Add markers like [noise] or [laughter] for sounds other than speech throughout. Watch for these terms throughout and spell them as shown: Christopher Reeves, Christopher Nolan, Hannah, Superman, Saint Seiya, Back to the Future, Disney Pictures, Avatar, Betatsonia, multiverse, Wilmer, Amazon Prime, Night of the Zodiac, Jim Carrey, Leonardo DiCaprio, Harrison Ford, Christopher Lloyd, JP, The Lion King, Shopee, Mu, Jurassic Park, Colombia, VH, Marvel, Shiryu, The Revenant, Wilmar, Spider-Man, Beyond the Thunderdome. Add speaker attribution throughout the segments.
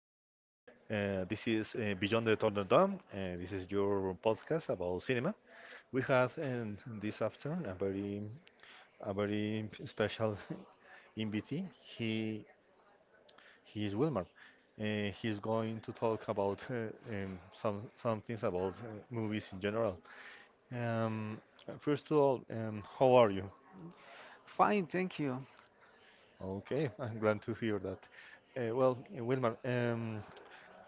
Speaker 1: afternoon. This is Beyond the Thunderdome. Dome. This is your podcast about cinema. We have this afternoon a very special [laughs] invitee. He he is Wilmar. He's going to talk about some things about movies in general. Um, First of all, how are you?
Speaker 2: Fine, thank you.
Speaker 1: Okay, I'm glad to hear that. Well, Wilmar,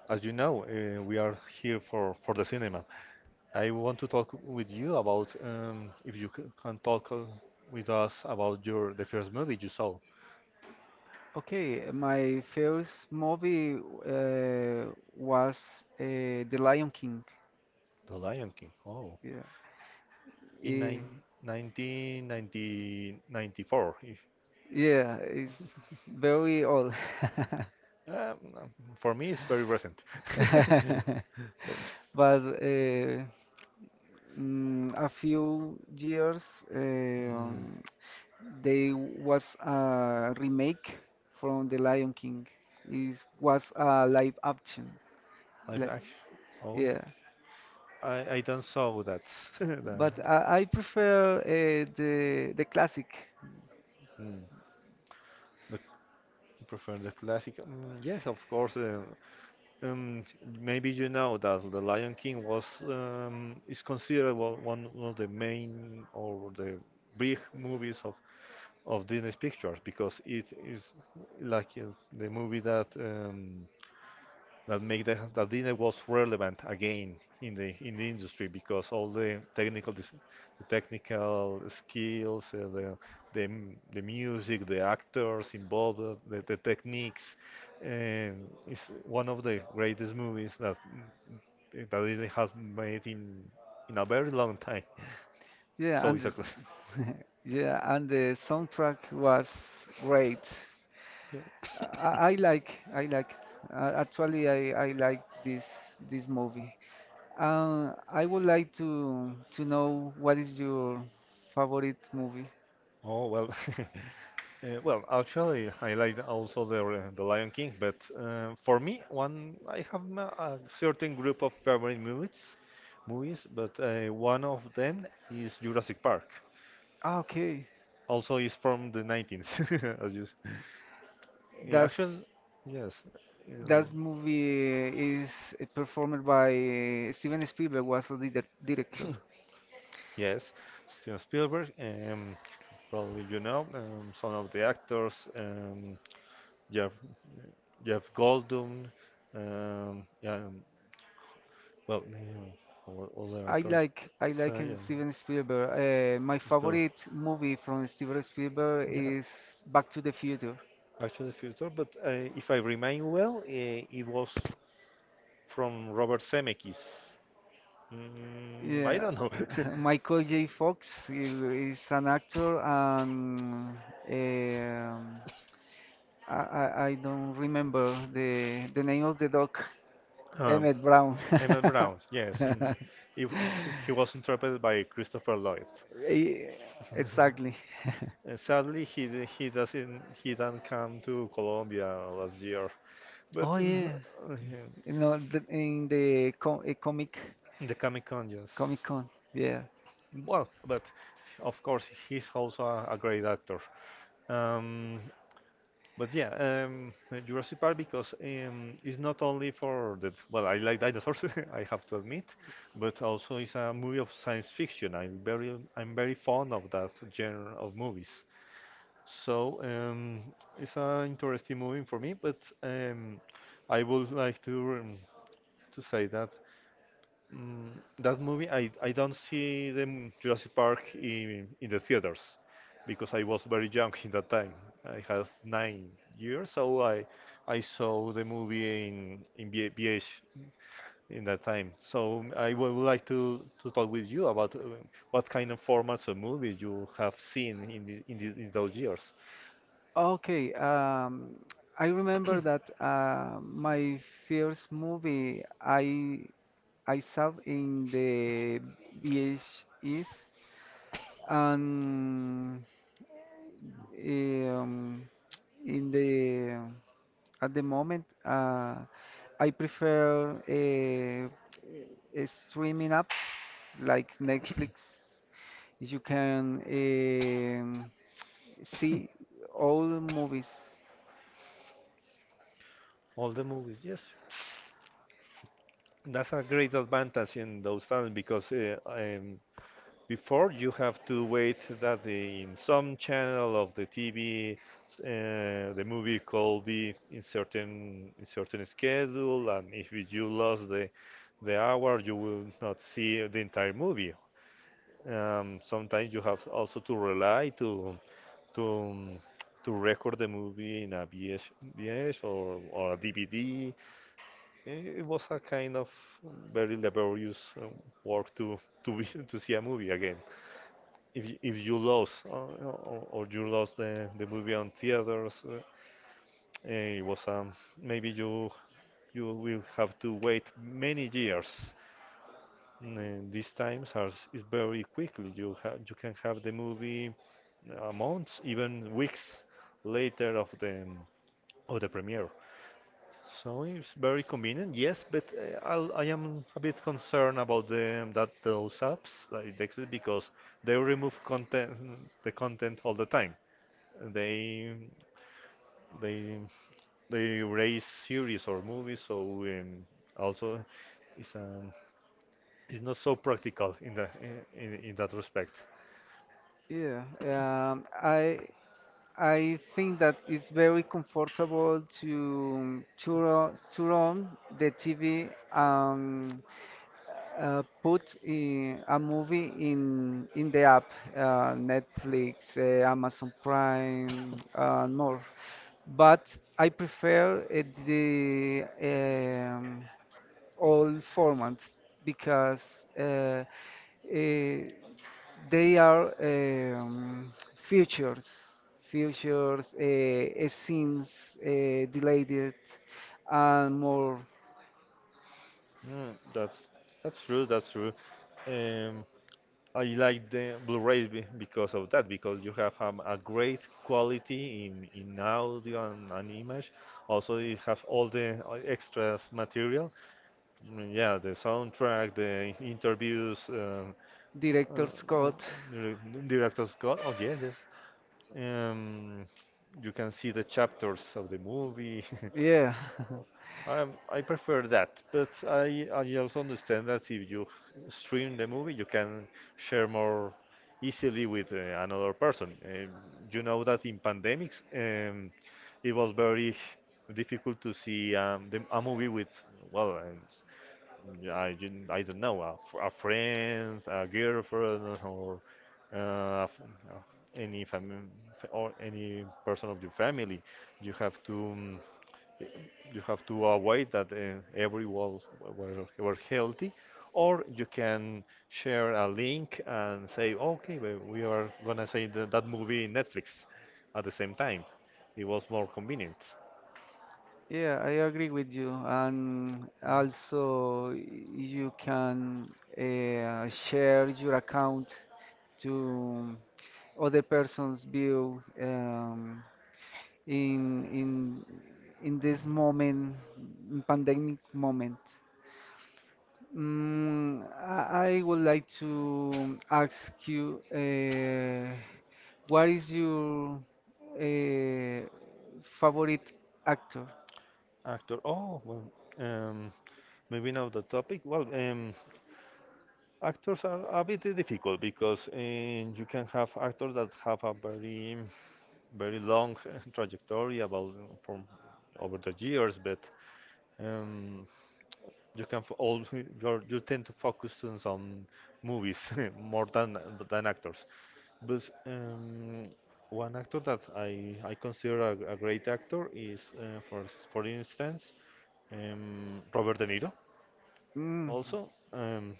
Speaker 1: as you know, we are here for the cinema. I want to talk with you about, if you can talk with us about your the first movie you saw.
Speaker 2: Okay, my first movie was The Lion King.
Speaker 1: The Lion King. Oh,
Speaker 2: Yeah,
Speaker 1: in
Speaker 2: Eh,
Speaker 1: 1994. If,
Speaker 2: yeah, it's very old, [laughs]
Speaker 1: um, um, for me, it's very recent.
Speaker 2: [laughs]
Speaker 1: [laughs] Um,
Speaker 2: but a few years um they was a remake from The Lion King. It was a live action.
Speaker 1: i
Speaker 2: Like,
Speaker 1: actually, oh,
Speaker 2: yeah.
Speaker 1: I don't saw that. [laughs] The-
Speaker 2: But I prefer the classic.
Speaker 1: Mm. The, Prefer the classic. Mm, yes, of course. Um, Maybe you know that The Lion King was is considered one of the main or the big movies of Disney Pictures because it is like the movie that make that Disney was relevant again in the industry because all the technical the technical skills, the the music, the actors involved, the techniques, and it's one of the greatest movies that Disney has made in a very long time. [laughs]
Speaker 2: Yeah,
Speaker 1: So
Speaker 2: and
Speaker 1: it's a class.
Speaker 2: [laughs] yeah, and the soundtrack was great.
Speaker 1: Yeah.
Speaker 2: I like actually I like this movie.
Speaker 1: [coughs]
Speaker 2: I would like to know what is your favorite movie.
Speaker 1: Oh, well. [laughs] Well, actually, I like also the Lion King, but for me, one I have a certain group of favorite movies, but one of them is Jurassic Park.
Speaker 2: Ah, okay,
Speaker 1: Also, is from the 19th. [laughs]
Speaker 2: that's
Speaker 1: Actually, yes, uh,
Speaker 2: that movie is performed by Steven Spielberg was the
Speaker 1: [laughs]
Speaker 2: director.
Speaker 1: yes. Steven Spielberg. Probably you know some of the actors. You have you have Goldum. Yeah. Well, yeah, all the actors.
Speaker 2: I like
Speaker 1: So, yeah.
Speaker 2: Steven Spielberg. My
Speaker 1: But,
Speaker 2: favorite movie from Steven Spielberg
Speaker 1: yeah.
Speaker 2: is Back to the Future.
Speaker 1: Back to the Future, but if I remain well, it was from Robert Zemeckis. Mm, I
Speaker 2: Yeah,
Speaker 1: don't know.
Speaker 2: [laughs] Michael J. Fox he is an actor, and
Speaker 1: [laughs]
Speaker 2: um, I don't remember the name of the dog.
Speaker 1: Um,
Speaker 2: Emmett Brown.
Speaker 1: Emmett
Speaker 2: [laughs]
Speaker 1: Brown, yes, in if he was interpreted by Christopher Lloyd.
Speaker 2: Eh, Exactly. [laughs]
Speaker 1: Sadly, he d- he doesn't he didn't come to Colombia last year, but
Speaker 2: Oh yeah,
Speaker 1: uh,
Speaker 2: you know the, in the co- eh, comic
Speaker 1: the Comic Con, yes.
Speaker 2: Comic Con. Yeah,
Speaker 1: Well, but of course he's also a great actor. Um, But yeah, Jurassic Park because it's not only for that. Well, I like dinosaurs, [laughs] I have to admit, but also it's a movie of science fiction. I'm very fond of that genre of movies. So it's an interesting movie for me. But I would like to say that, Mm, that movie, I don't see Jurassic Park in the theaters because I was very young [laughs] in that time. I had 9 years, so I saw the movie in VH in that time. So I would like to talk with you about what kind of formats of movies you have seen in those years.
Speaker 2: okay, I remember that my first movie I saw in the VHS and um, in the at the moment I prefer streaming apps like Netflix. You can see all movies.
Speaker 1: All the movies, yes. That's a great advantage in those times because before you have to wait that, in some channel of the TV, the movie could be in certain schedule, and if it- you lost the hour, you will not see the entire movie. Sometimes you have also to rely to um, to record the movie in a VH or a DVD. It was a kind of very laborious work to be, [laughs] to see a movie again if you lost or you lost the movie on theaters, it was maybe you will have to wait many years. These times are is very quickly, you can have the movie months, even weeks later of the premiere. So it's very convenient, yes, but I am a bit concerned about the that those apps like Dexit because they remove content the content all the time. They they they raise series or movies. So also it's um it's not so practical in that respect.
Speaker 2: Yeah, I think that it's very comfortable to turn on the TV and put in a movie in the app, Netflix, Amazon Prime, and more. But I prefer the all formats because uh, eh, they are features, features, scenes, delayed, and more
Speaker 1: mm, that's that's true. Um I like the Blu-rays because of that because you have a great quality in audio and image. Also you have all the extras material. Mm, yeah, the soundtrack, the interviews, uh,
Speaker 2: director's
Speaker 1: uh,
Speaker 2: cut.
Speaker 1: dir- director Scott. Oh, yes, yes. Um, you can see the chapters of the movie. [laughs]
Speaker 2: Yeah. [laughs]
Speaker 1: I prefer that, but I also understand that if you stream the movie, you can share more easily with another person. You know that in pandemics, it was very difficult to see, a movie with, well, yeah, I don't know, a friend, a girlfriend, or f- uh, any fam or any person of your family. You have to, y- you have to avoid that everyone were healthy, or you can share a link and say, okay, we are gonna see that movie in Netflix at the same time. It was more convenient.
Speaker 2: Yeah, I agree with you. And also, you can share your account to other person's view in in in this moment, in pandemic moment. Mm, I would like to ask you, what is your uh, favorite actor?
Speaker 1: Actor. Oh, well, um, maybe now the topic. Well, actors are a bit difficult because you can have actors that have a very, very long [laughs] trajectory about, from over the years, but um, all [laughs] you tend to focus on some movies [laughs] more than actors. But one actor that I consider a great actor is, for instance, Robert De Niro.
Speaker 2: Mm.
Speaker 1: Also,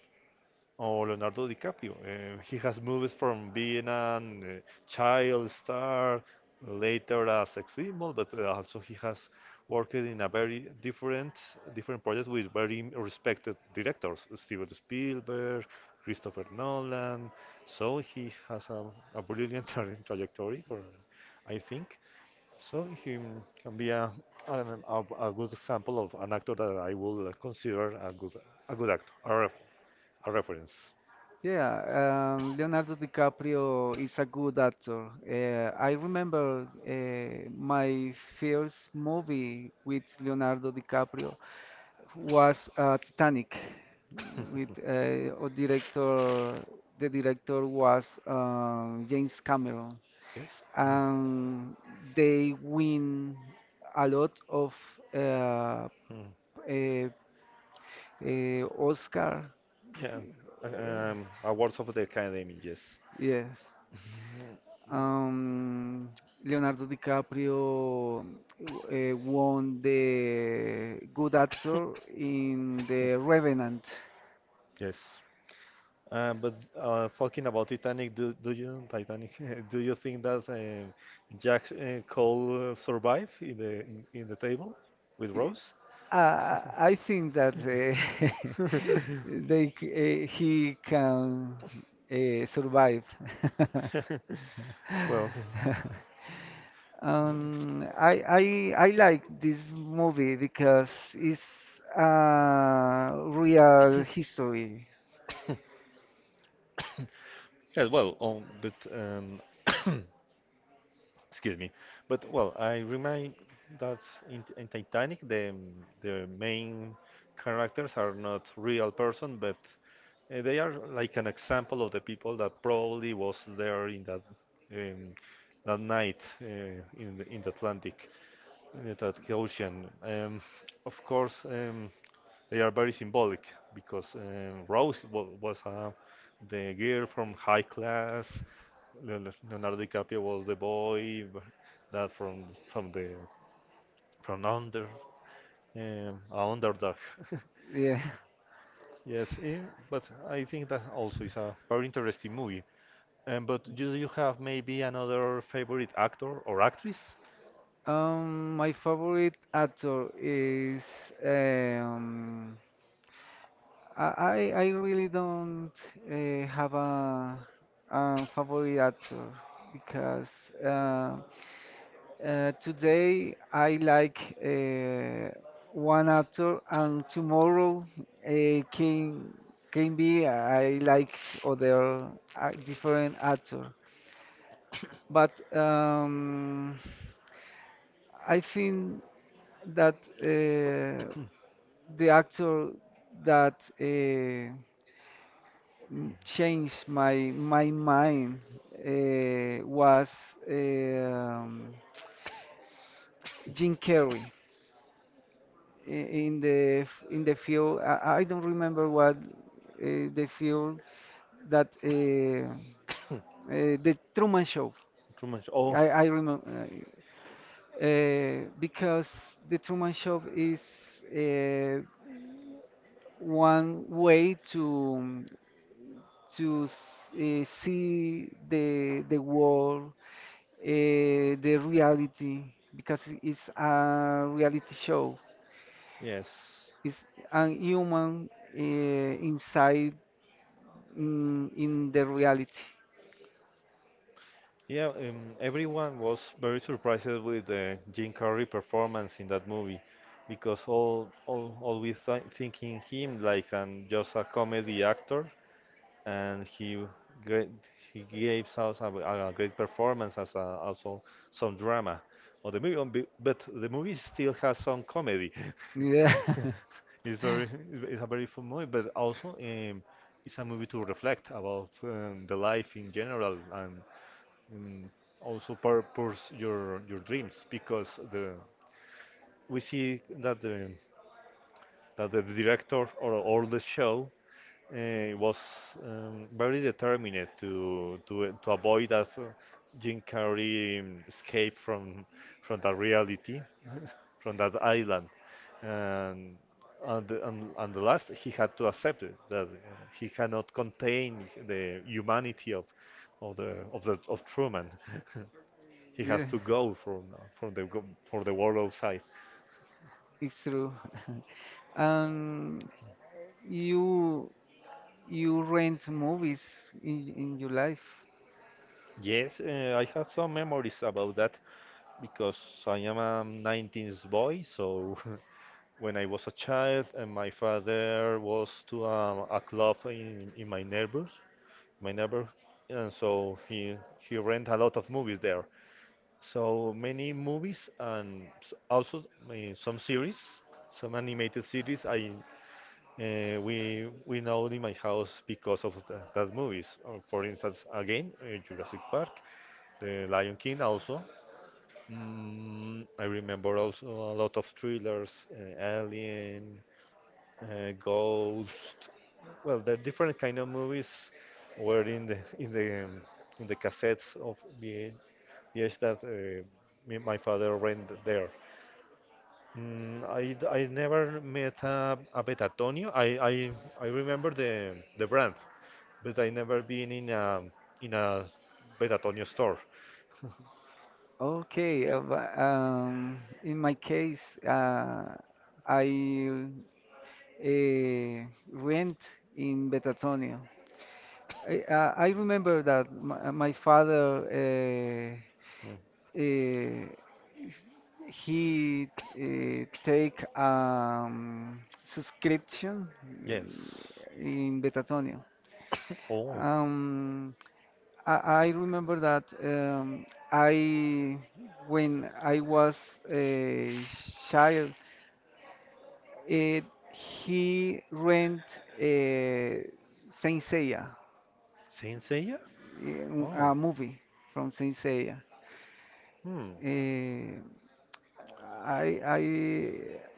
Speaker 1: or Leonardo DiCaprio. He has movies from being a child star, later as sex symbol, but also he has worked in a very different projects with very respected directors, Steven Spielberg, Christopher Nolan. So he has a brilliant [laughs] trajectory, I think. So he can be an- a, a good example of an actor that I will consider a good actor, a reference.
Speaker 2: Yeah, Leonardo DiCaprio is a good actor. I remember my first movie with Leonardo DiCaprio was Titanic. With
Speaker 1: [laughs]
Speaker 2: the director was James Cameron,
Speaker 1: Yes. Mm.
Speaker 2: and they win a lot of uh, uh,
Speaker 1: Mm.
Speaker 2: Oscar.
Speaker 1: Yeah. Awards of the Academy, yes.
Speaker 2: Yes.
Speaker 1: [laughs] Mhm. Mm.
Speaker 2: Um, Leonardo DiCaprio won the Good Actor in The Revenant.
Speaker 1: Yes. But talking about Titanic, do you Titanic? [laughs] Do you think that, Jack Cole survive in the table with Rose? [laughs]
Speaker 2: I think that [laughs] he can survive.
Speaker 1: [laughs] Well,
Speaker 2: [laughs] I like this movie because it's real history.
Speaker 1: [coughs] yeah, well, but [coughs] excuse me, but well, I remind that, in Titanic, the main characters are not real person, but they are like an example of the people that probably was there in um, that night, in the Atlantic Ocean. Of course. They are very symbolic because, Rose was the girl from high class. Leonardo DiCaprio was the boy, b- that from under, a underdog. [laughs]
Speaker 2: Yeah.
Speaker 1: Yes, but I think that also is a very interesting movie. But do you have maybe another favorite actor or actress?
Speaker 2: My favorite actor is um, I really don't have a favorite actor because uh, today I like uh, one actor and tomorrow uh, can can be I like other different actor, but I think that uh, the actor that changed my mind was um, Jim Carrey I- in the f- in the field. I don't remember what the field that
Speaker 1: [coughs]
Speaker 2: the Truman Show.
Speaker 1: Truman Show. Oh,
Speaker 2: I remember. Because the Truman Show is uh, one way to see the world, the reality, because it's a reality show.
Speaker 1: yes.
Speaker 2: It's a human uh, inside in the reality.
Speaker 1: Yeah, everyone was very surprised with Jim Carrey performance in that movie because all always th thinking him like an just a comedy actor, and great, he gave us a great performance as, also some drama. Or the movie, but the movie still has some comedy.
Speaker 2: Yeah,
Speaker 1: [laughs]
Speaker 2: [laughs]
Speaker 1: It's very it's a very fun movie, but also it's a movie to reflect about, the life in general, and and also pursue your dreams, because the we see that, the that the director or all the show was very determined to avoid that Jim Carrey escape from that reality, from that island, and and the last he had to accept it, that he cannot contain the humanity of Truman. [laughs] He has
Speaker 2: yeah,
Speaker 1: to go from the go- for the world outside.
Speaker 2: it's true. [laughs] Um, you you rent movies in your life.
Speaker 1: Yes, I have some memories about that because I am a 19th boy. So [laughs] when I was a child, and my father was to, a club, in my neighbors, my neighbor, and so he rent a lot of movies there. So many movies and, also some series, some animated series. I We know it in my house because of that movies. Or for instance, again, Jurassic Park, The Lion King also. Mm, I remember also a lot of thrillers, Alien, Ghost. Well, the different kind of movies were in the [laughs] in the cassettes of VH that my father rent there. Mm, I never met a Betatonium. I remember the brand, but I never been in a Betatonio store.
Speaker 2: Okay, in my case, I rent in Betatsonia. I remember that my father
Speaker 1: Mm,
Speaker 2: uh, he take subscription
Speaker 1: yes.
Speaker 2: in Betatsonia.
Speaker 1: [coughs] Oh,
Speaker 2: Um, I remember that I when I was a child, it, he rent uh, Saint Seiya.
Speaker 1: Saint Seiya? Oh.
Speaker 2: A movie from Saint Seiya.
Speaker 1: Hmm.
Speaker 2: Eh, I I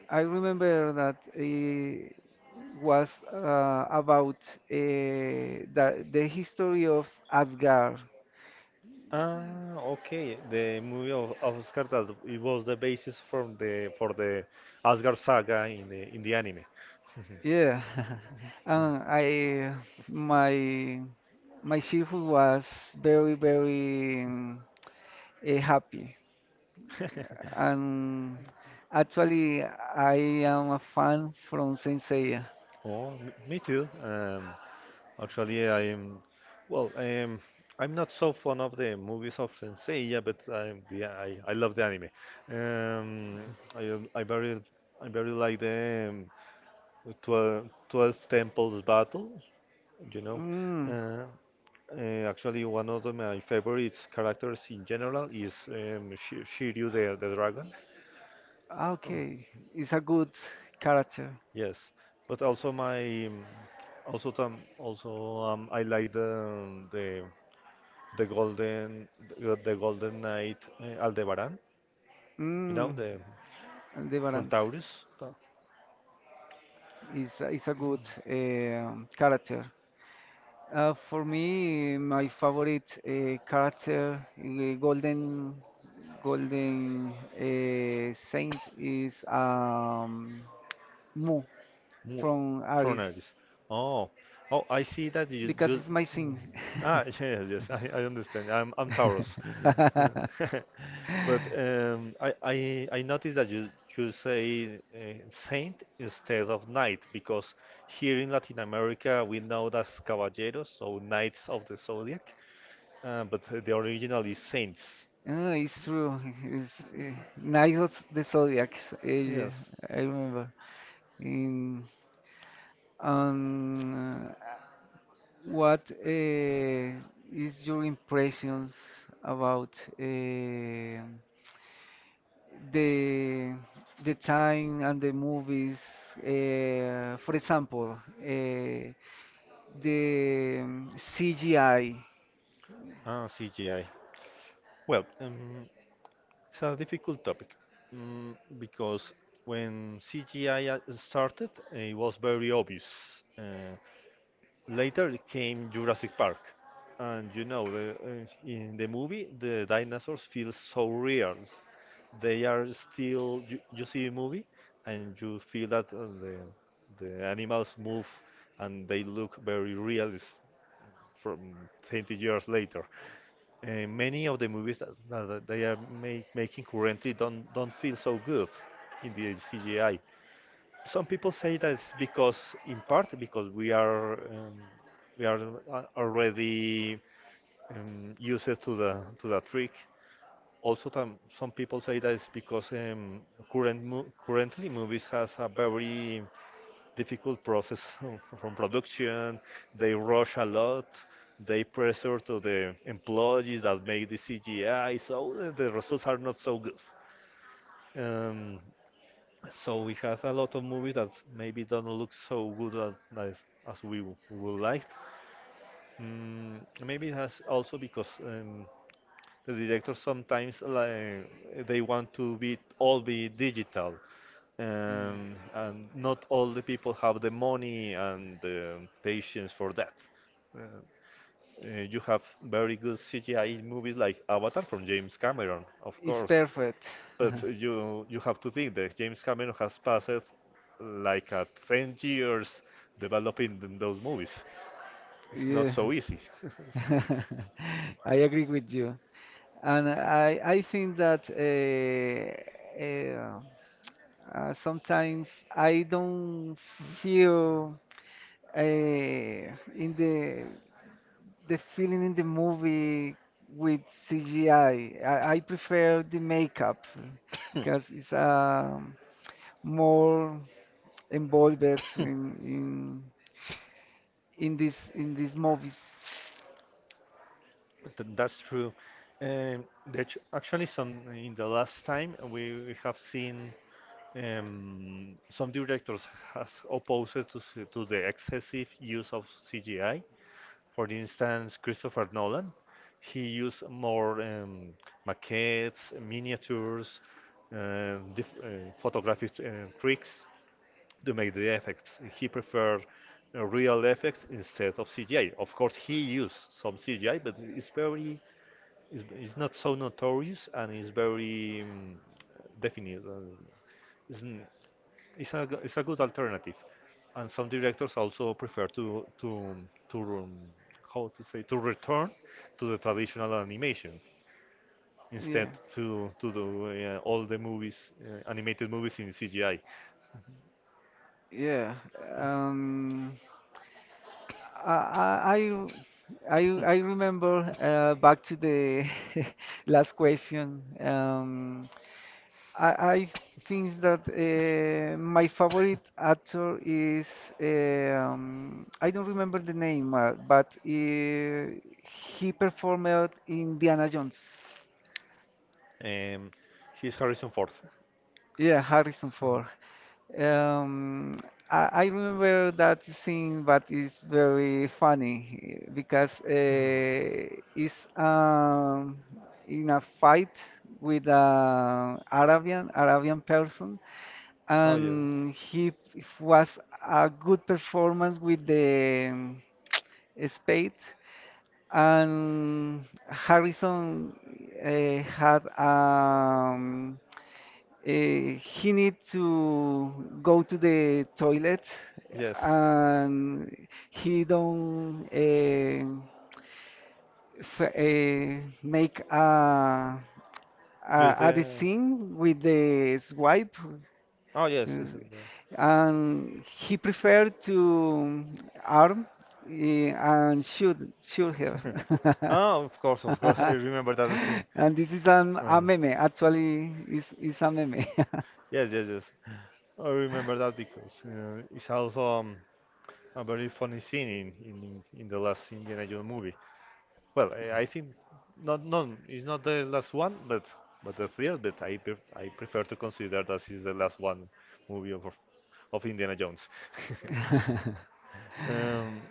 Speaker 2: I remember that it was about the history of Asgard.
Speaker 1: Ah, okay. The movie of Asgard that it was the basis from the for the Asgard saga in the anime.
Speaker 2: Yeah, [laughs] and I my shift was very happy,
Speaker 1: [laughs]
Speaker 2: and actually I am a fan from Saint Seiya.
Speaker 1: Oh, me too. Actually, I'm well. I'm not so fond of the movies of Senseiya, but I love the anime. Um, I, I very I very like the 12, twelve Temples battle. You know,
Speaker 2: Mm.
Speaker 1: uh, actually one of my favorite characters in general is Shiryu the dragon. Um,
Speaker 2: Okay, it's a good character.
Speaker 1: Yes, but also my also tam also I like the golden the golden knight Aldebaran, you know,
Speaker 2: Mm,
Speaker 1: the from
Speaker 2: Aldebaran
Speaker 1: Taurus,
Speaker 2: is is a good character. For me, my favorite character, golden saint, is Mu
Speaker 1: Mu-
Speaker 2: from
Speaker 1: from
Speaker 2: Aries
Speaker 1: Aries. Oh, oh, I see that you
Speaker 2: because
Speaker 1: you.
Speaker 2: it's my thing.
Speaker 1: Ah, [laughs] yes, yes, I understand. I'm Taurus,
Speaker 2: [laughs]
Speaker 1: [laughs]
Speaker 2: [laughs]
Speaker 1: but I noticed that you say saint instead of knight, because here in Latin America we know that's caballeros, so knights of the zodiac, but the original is saints.
Speaker 2: Oh, it's true. It's Night of the Zodiac. Uh,
Speaker 1: Yes,
Speaker 2: I remember. In um, uh, what is your impressions about the time and the movies? For example, the CGI
Speaker 1: CGI. Well, it's a difficult topic because when CGI started, it was very obvious. Uh, Later came Jurassic Park, and in the movie, the dinosaurs feel so real. They are still. You see a movie, and you feel that the animals move, and they look very real is from 20 years later. Many of the movies that they are making currently don't feel so good in the CGI. Some people say that it's because, in part, because we are already used to the trick. Also, some people say that it's because currently movies has a very difficult process [laughs] from production. They rush a lot. They pressure to the employees that make the CGI, so the results are not so good. Um, so we have a lot of movies that maybe don't look so good as, would like. Mm, Maybe it has also because the directors sometimes like, they want to be all be digital, and not all the people have the money and the patience for that. Uh, you have very good CGI movies like Avatar from James Cameron, of
Speaker 2: is
Speaker 1: course,
Speaker 2: perfect.
Speaker 1: but
Speaker 2: [laughs]
Speaker 1: you have to think that James Cameron has passed like a 10 years developing those movies. It's not
Speaker 2: Yeah.
Speaker 1: so easy. [laughs]
Speaker 2: [laughs] I agree with you, and I think that sometimes I don't feel in the feeling in the movie with CGI. I prefer the makeup because it's
Speaker 1: It's
Speaker 2: more involved
Speaker 1: not. [coughs]
Speaker 2: in in this in these movies.
Speaker 1: That's true. Um, actually, some in the last time we have seen some directors has opposed to the excessive use of CGI. For instance, Christopher Nolan, he used more maquettes, miniatures, diff photographic tricks to make the effects. He preferred real effects instead of CGI. Of course, he used some CGI, but it's not so notorious, and it's very definite, and It's, n- it's, a, g- it's a good alternative. And some directors also prefer to how to say, to return to the traditional animation instead to do all the
Speaker 2: Yeah.
Speaker 1: movies, animated movies in CGI.
Speaker 2: Yeah. Um, I, I, I, I I remember back to the [laughs] last question. I think that my favorite actor is I don't remember the name, but he performed Indiana Jones.
Speaker 1: Um, he's Harrison Ford. [laughs]
Speaker 2: Yeah, Harrison
Speaker 1: Oh.
Speaker 2: Ford. Um, I remember that scene, but it's very funny because
Speaker 1: Mhm.
Speaker 2: it's in a fight with an Arabian person,
Speaker 1: Oh, yes,
Speaker 2: and was a good performance with the spade, and Harrison had. He need to go to the toilet. Yeah.
Speaker 1: yes.
Speaker 2: And he don't f make
Speaker 1: Use
Speaker 2: a
Speaker 1: the.
Speaker 2: design with the swipe. Oh,
Speaker 1: Oh,
Speaker 2: yes.
Speaker 1: yes, yes. Yes,
Speaker 2: And he preferred to arm and shoot her.
Speaker 1: the- [laughs] oh, of course, of course. I
Speaker 2: [laughs]
Speaker 1: remember that scene.
Speaker 2: [laughs] And this is a
Speaker 1: Uh,
Speaker 2: meme, actually, is a meme. [laughs]
Speaker 1: yes, yes, yes. I remember that because you it's also a very funny scene in the last Indiana Jones movie. Well, I think, not not it's not the last one, but the third. But I prefer to consider that is the last one movie of Indiana Jones. [laughs] Um,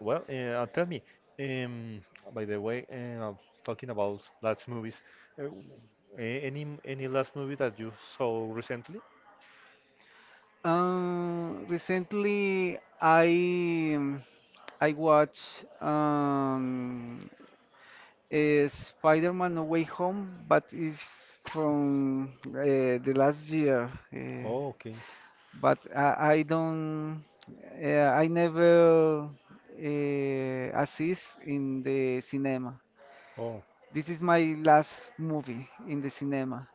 Speaker 1: well, tell me, um, by the way, talking about last movies, uh, any last movie that you saw recently?
Speaker 2: Recently, I watch um, eh, Spider-Man No Way Home, but it's from the last year. Eh,
Speaker 1: Oh, okay.
Speaker 2: but I don't, I never assist in the cinema.
Speaker 1: Oh.
Speaker 2: This is my last movie in the cinema,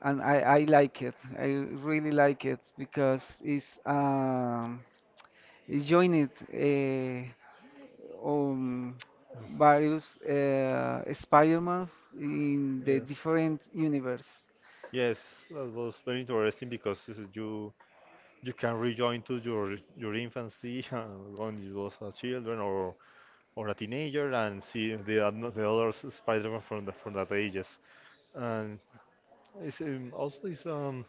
Speaker 2: and I like it. I really like it because it's is joined um,
Speaker 1: Mm.
Speaker 2: various Spider-Man in the
Speaker 1: Yes,
Speaker 2: different universe.
Speaker 1: yes, that was very interesting because this is you can rejoin to your infancy, [laughs] when you was a children or a teenager, and see the other Spider-Man from from that ages. And it's also is,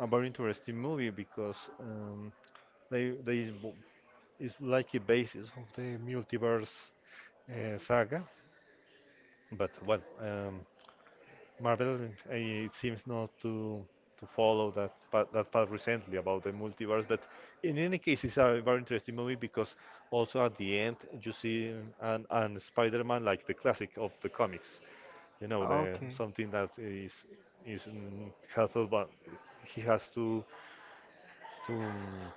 Speaker 1: a very interesting movie because they is like a basis of the multiverse saga. But well, Marvel it seems not to follow that path recently about the multiverse. But in any case, it's a very interesting movie because also at the end you see an Spider-Man like the classic of the comics. The
Speaker 2: Okay.
Speaker 1: something that helpful, but he has to mm,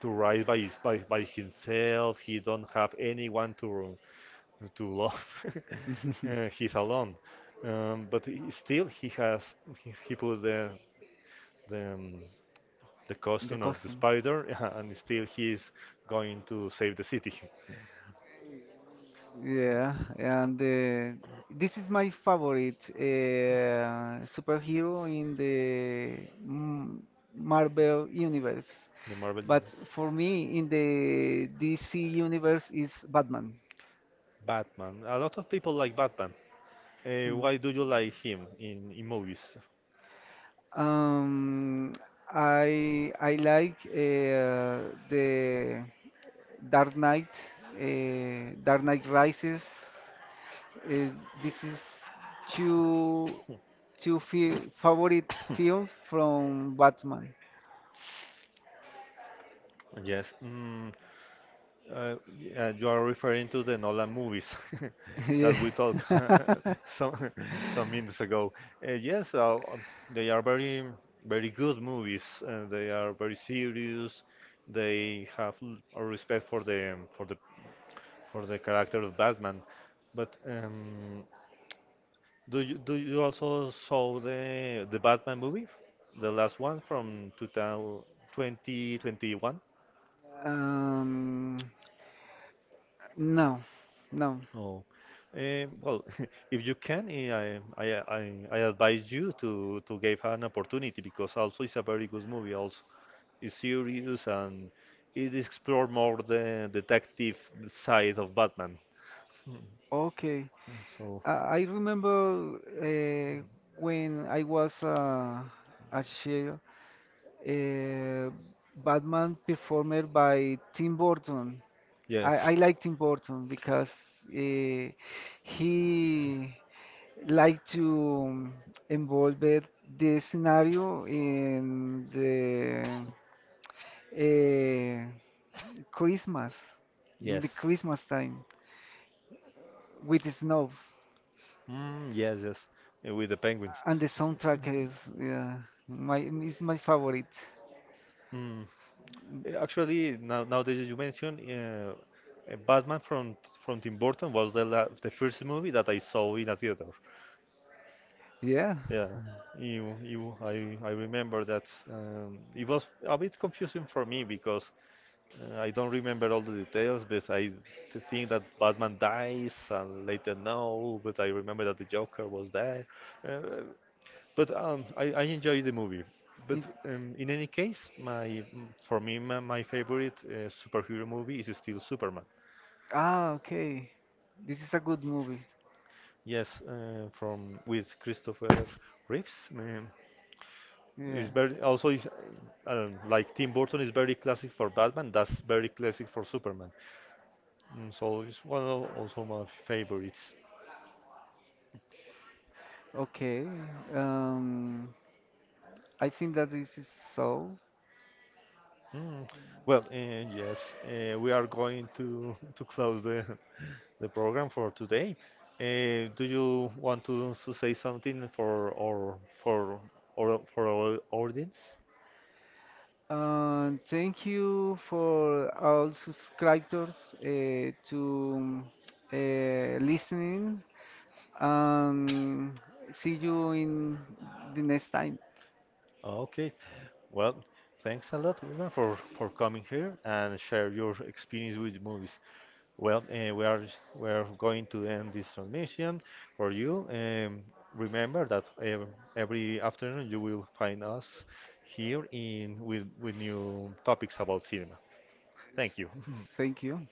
Speaker 1: to ride by, his, by himself. He don't have anyone to love. [laughs] He's
Speaker 2: [laughs]
Speaker 1: alone. But still, he put the um, the
Speaker 2: The
Speaker 1: costume of the
Speaker 2: costume.
Speaker 1: spider, [laughs] and still he is going to save the city.
Speaker 2: Yeah, and this is my favorite superhero in the M- Marvel universe.
Speaker 1: The Marvel But
Speaker 2: But
Speaker 1: Universe.
Speaker 2: for
Speaker 1: For me,
Speaker 2: me,
Speaker 1: in
Speaker 2: in the
Speaker 1: the D
Speaker 2: DC
Speaker 1: C universe,
Speaker 2: universe
Speaker 1: is
Speaker 2: is
Speaker 1: Batman.
Speaker 2: Batman.
Speaker 1: Batman. A lot of people like Batman. Why do you like him in movies?
Speaker 2: Um, I like the Dark Knight, Dark Knight Rises. Uh, this is two two fi favorite films from Batman.
Speaker 1: [laughs] Yes. You are referring to the Nolan movies [laughs]
Speaker 2: [laughs] Yeah.
Speaker 1: that we talked [laughs] some
Speaker 2: [laughs]
Speaker 1: [laughs] some minutes ago. Yes, they are very very good movies. They are very serious. They have a respect for the character of Batman. But do you also saw the Batman movie, the last one from 2000 2021?
Speaker 2: Um, no, no.
Speaker 1: Oh, well, [laughs] if you can, I advise you to give her an opportunity, because also it's a very good movie. Also, it's serious, and it explore more the detective side of Batman.
Speaker 2: Okay.
Speaker 1: So,
Speaker 2: I remember when I was a child, Uh, Batman performed by Tim Burton.
Speaker 1: yes,
Speaker 2: I like Tim Burton because uh, he liked to involve the scenario in the uh, Christmas, in
Speaker 1: yes,
Speaker 2: the Christmas time with the snow.
Speaker 1: mm, yes, yes, with the penguins.
Speaker 2: And the
Speaker 1: [laughs]
Speaker 2: soundtrack is yeah, my is my favorite.
Speaker 1: Mm. Actually, nowadays you mentioned Batman from Tim Burton was the first movie that I saw in a theater.
Speaker 2: Yeah.
Speaker 1: Yeah, you I remember that it was a bit confusing for me, because I don't remember all the details, but I think that Batman dies and later no, but I remember that the Joker was there. Uh, but I enjoy the movie. But
Speaker 2: It,
Speaker 1: in any case, my for me, my favorite superhero movie is still Superman.
Speaker 2: Ah, okay. This is a good movie.
Speaker 1: Yes, from with Christopher Reeves.
Speaker 2: Yeah.
Speaker 1: Is very also is, like Tim Burton is very classic for Batman. That's very classic for Superman. So it's one of also my favorites.
Speaker 2: Okay. Um, I think that this is so.
Speaker 1: Mm. Well, yes, we are going to [laughs] to close the program for today. Do you want to say something for for our audience?
Speaker 2: Thank you for all subscribers to listening. Um, see you in the next time.
Speaker 1: Okay. Well, thanks a lot, Wilmer, for coming here and share your experience with movies. Well, we are going to end this transmission for you. Remember that every afternoon you will find us here in with new topics about cinema. Thank you. [laughs]
Speaker 2: Thank you.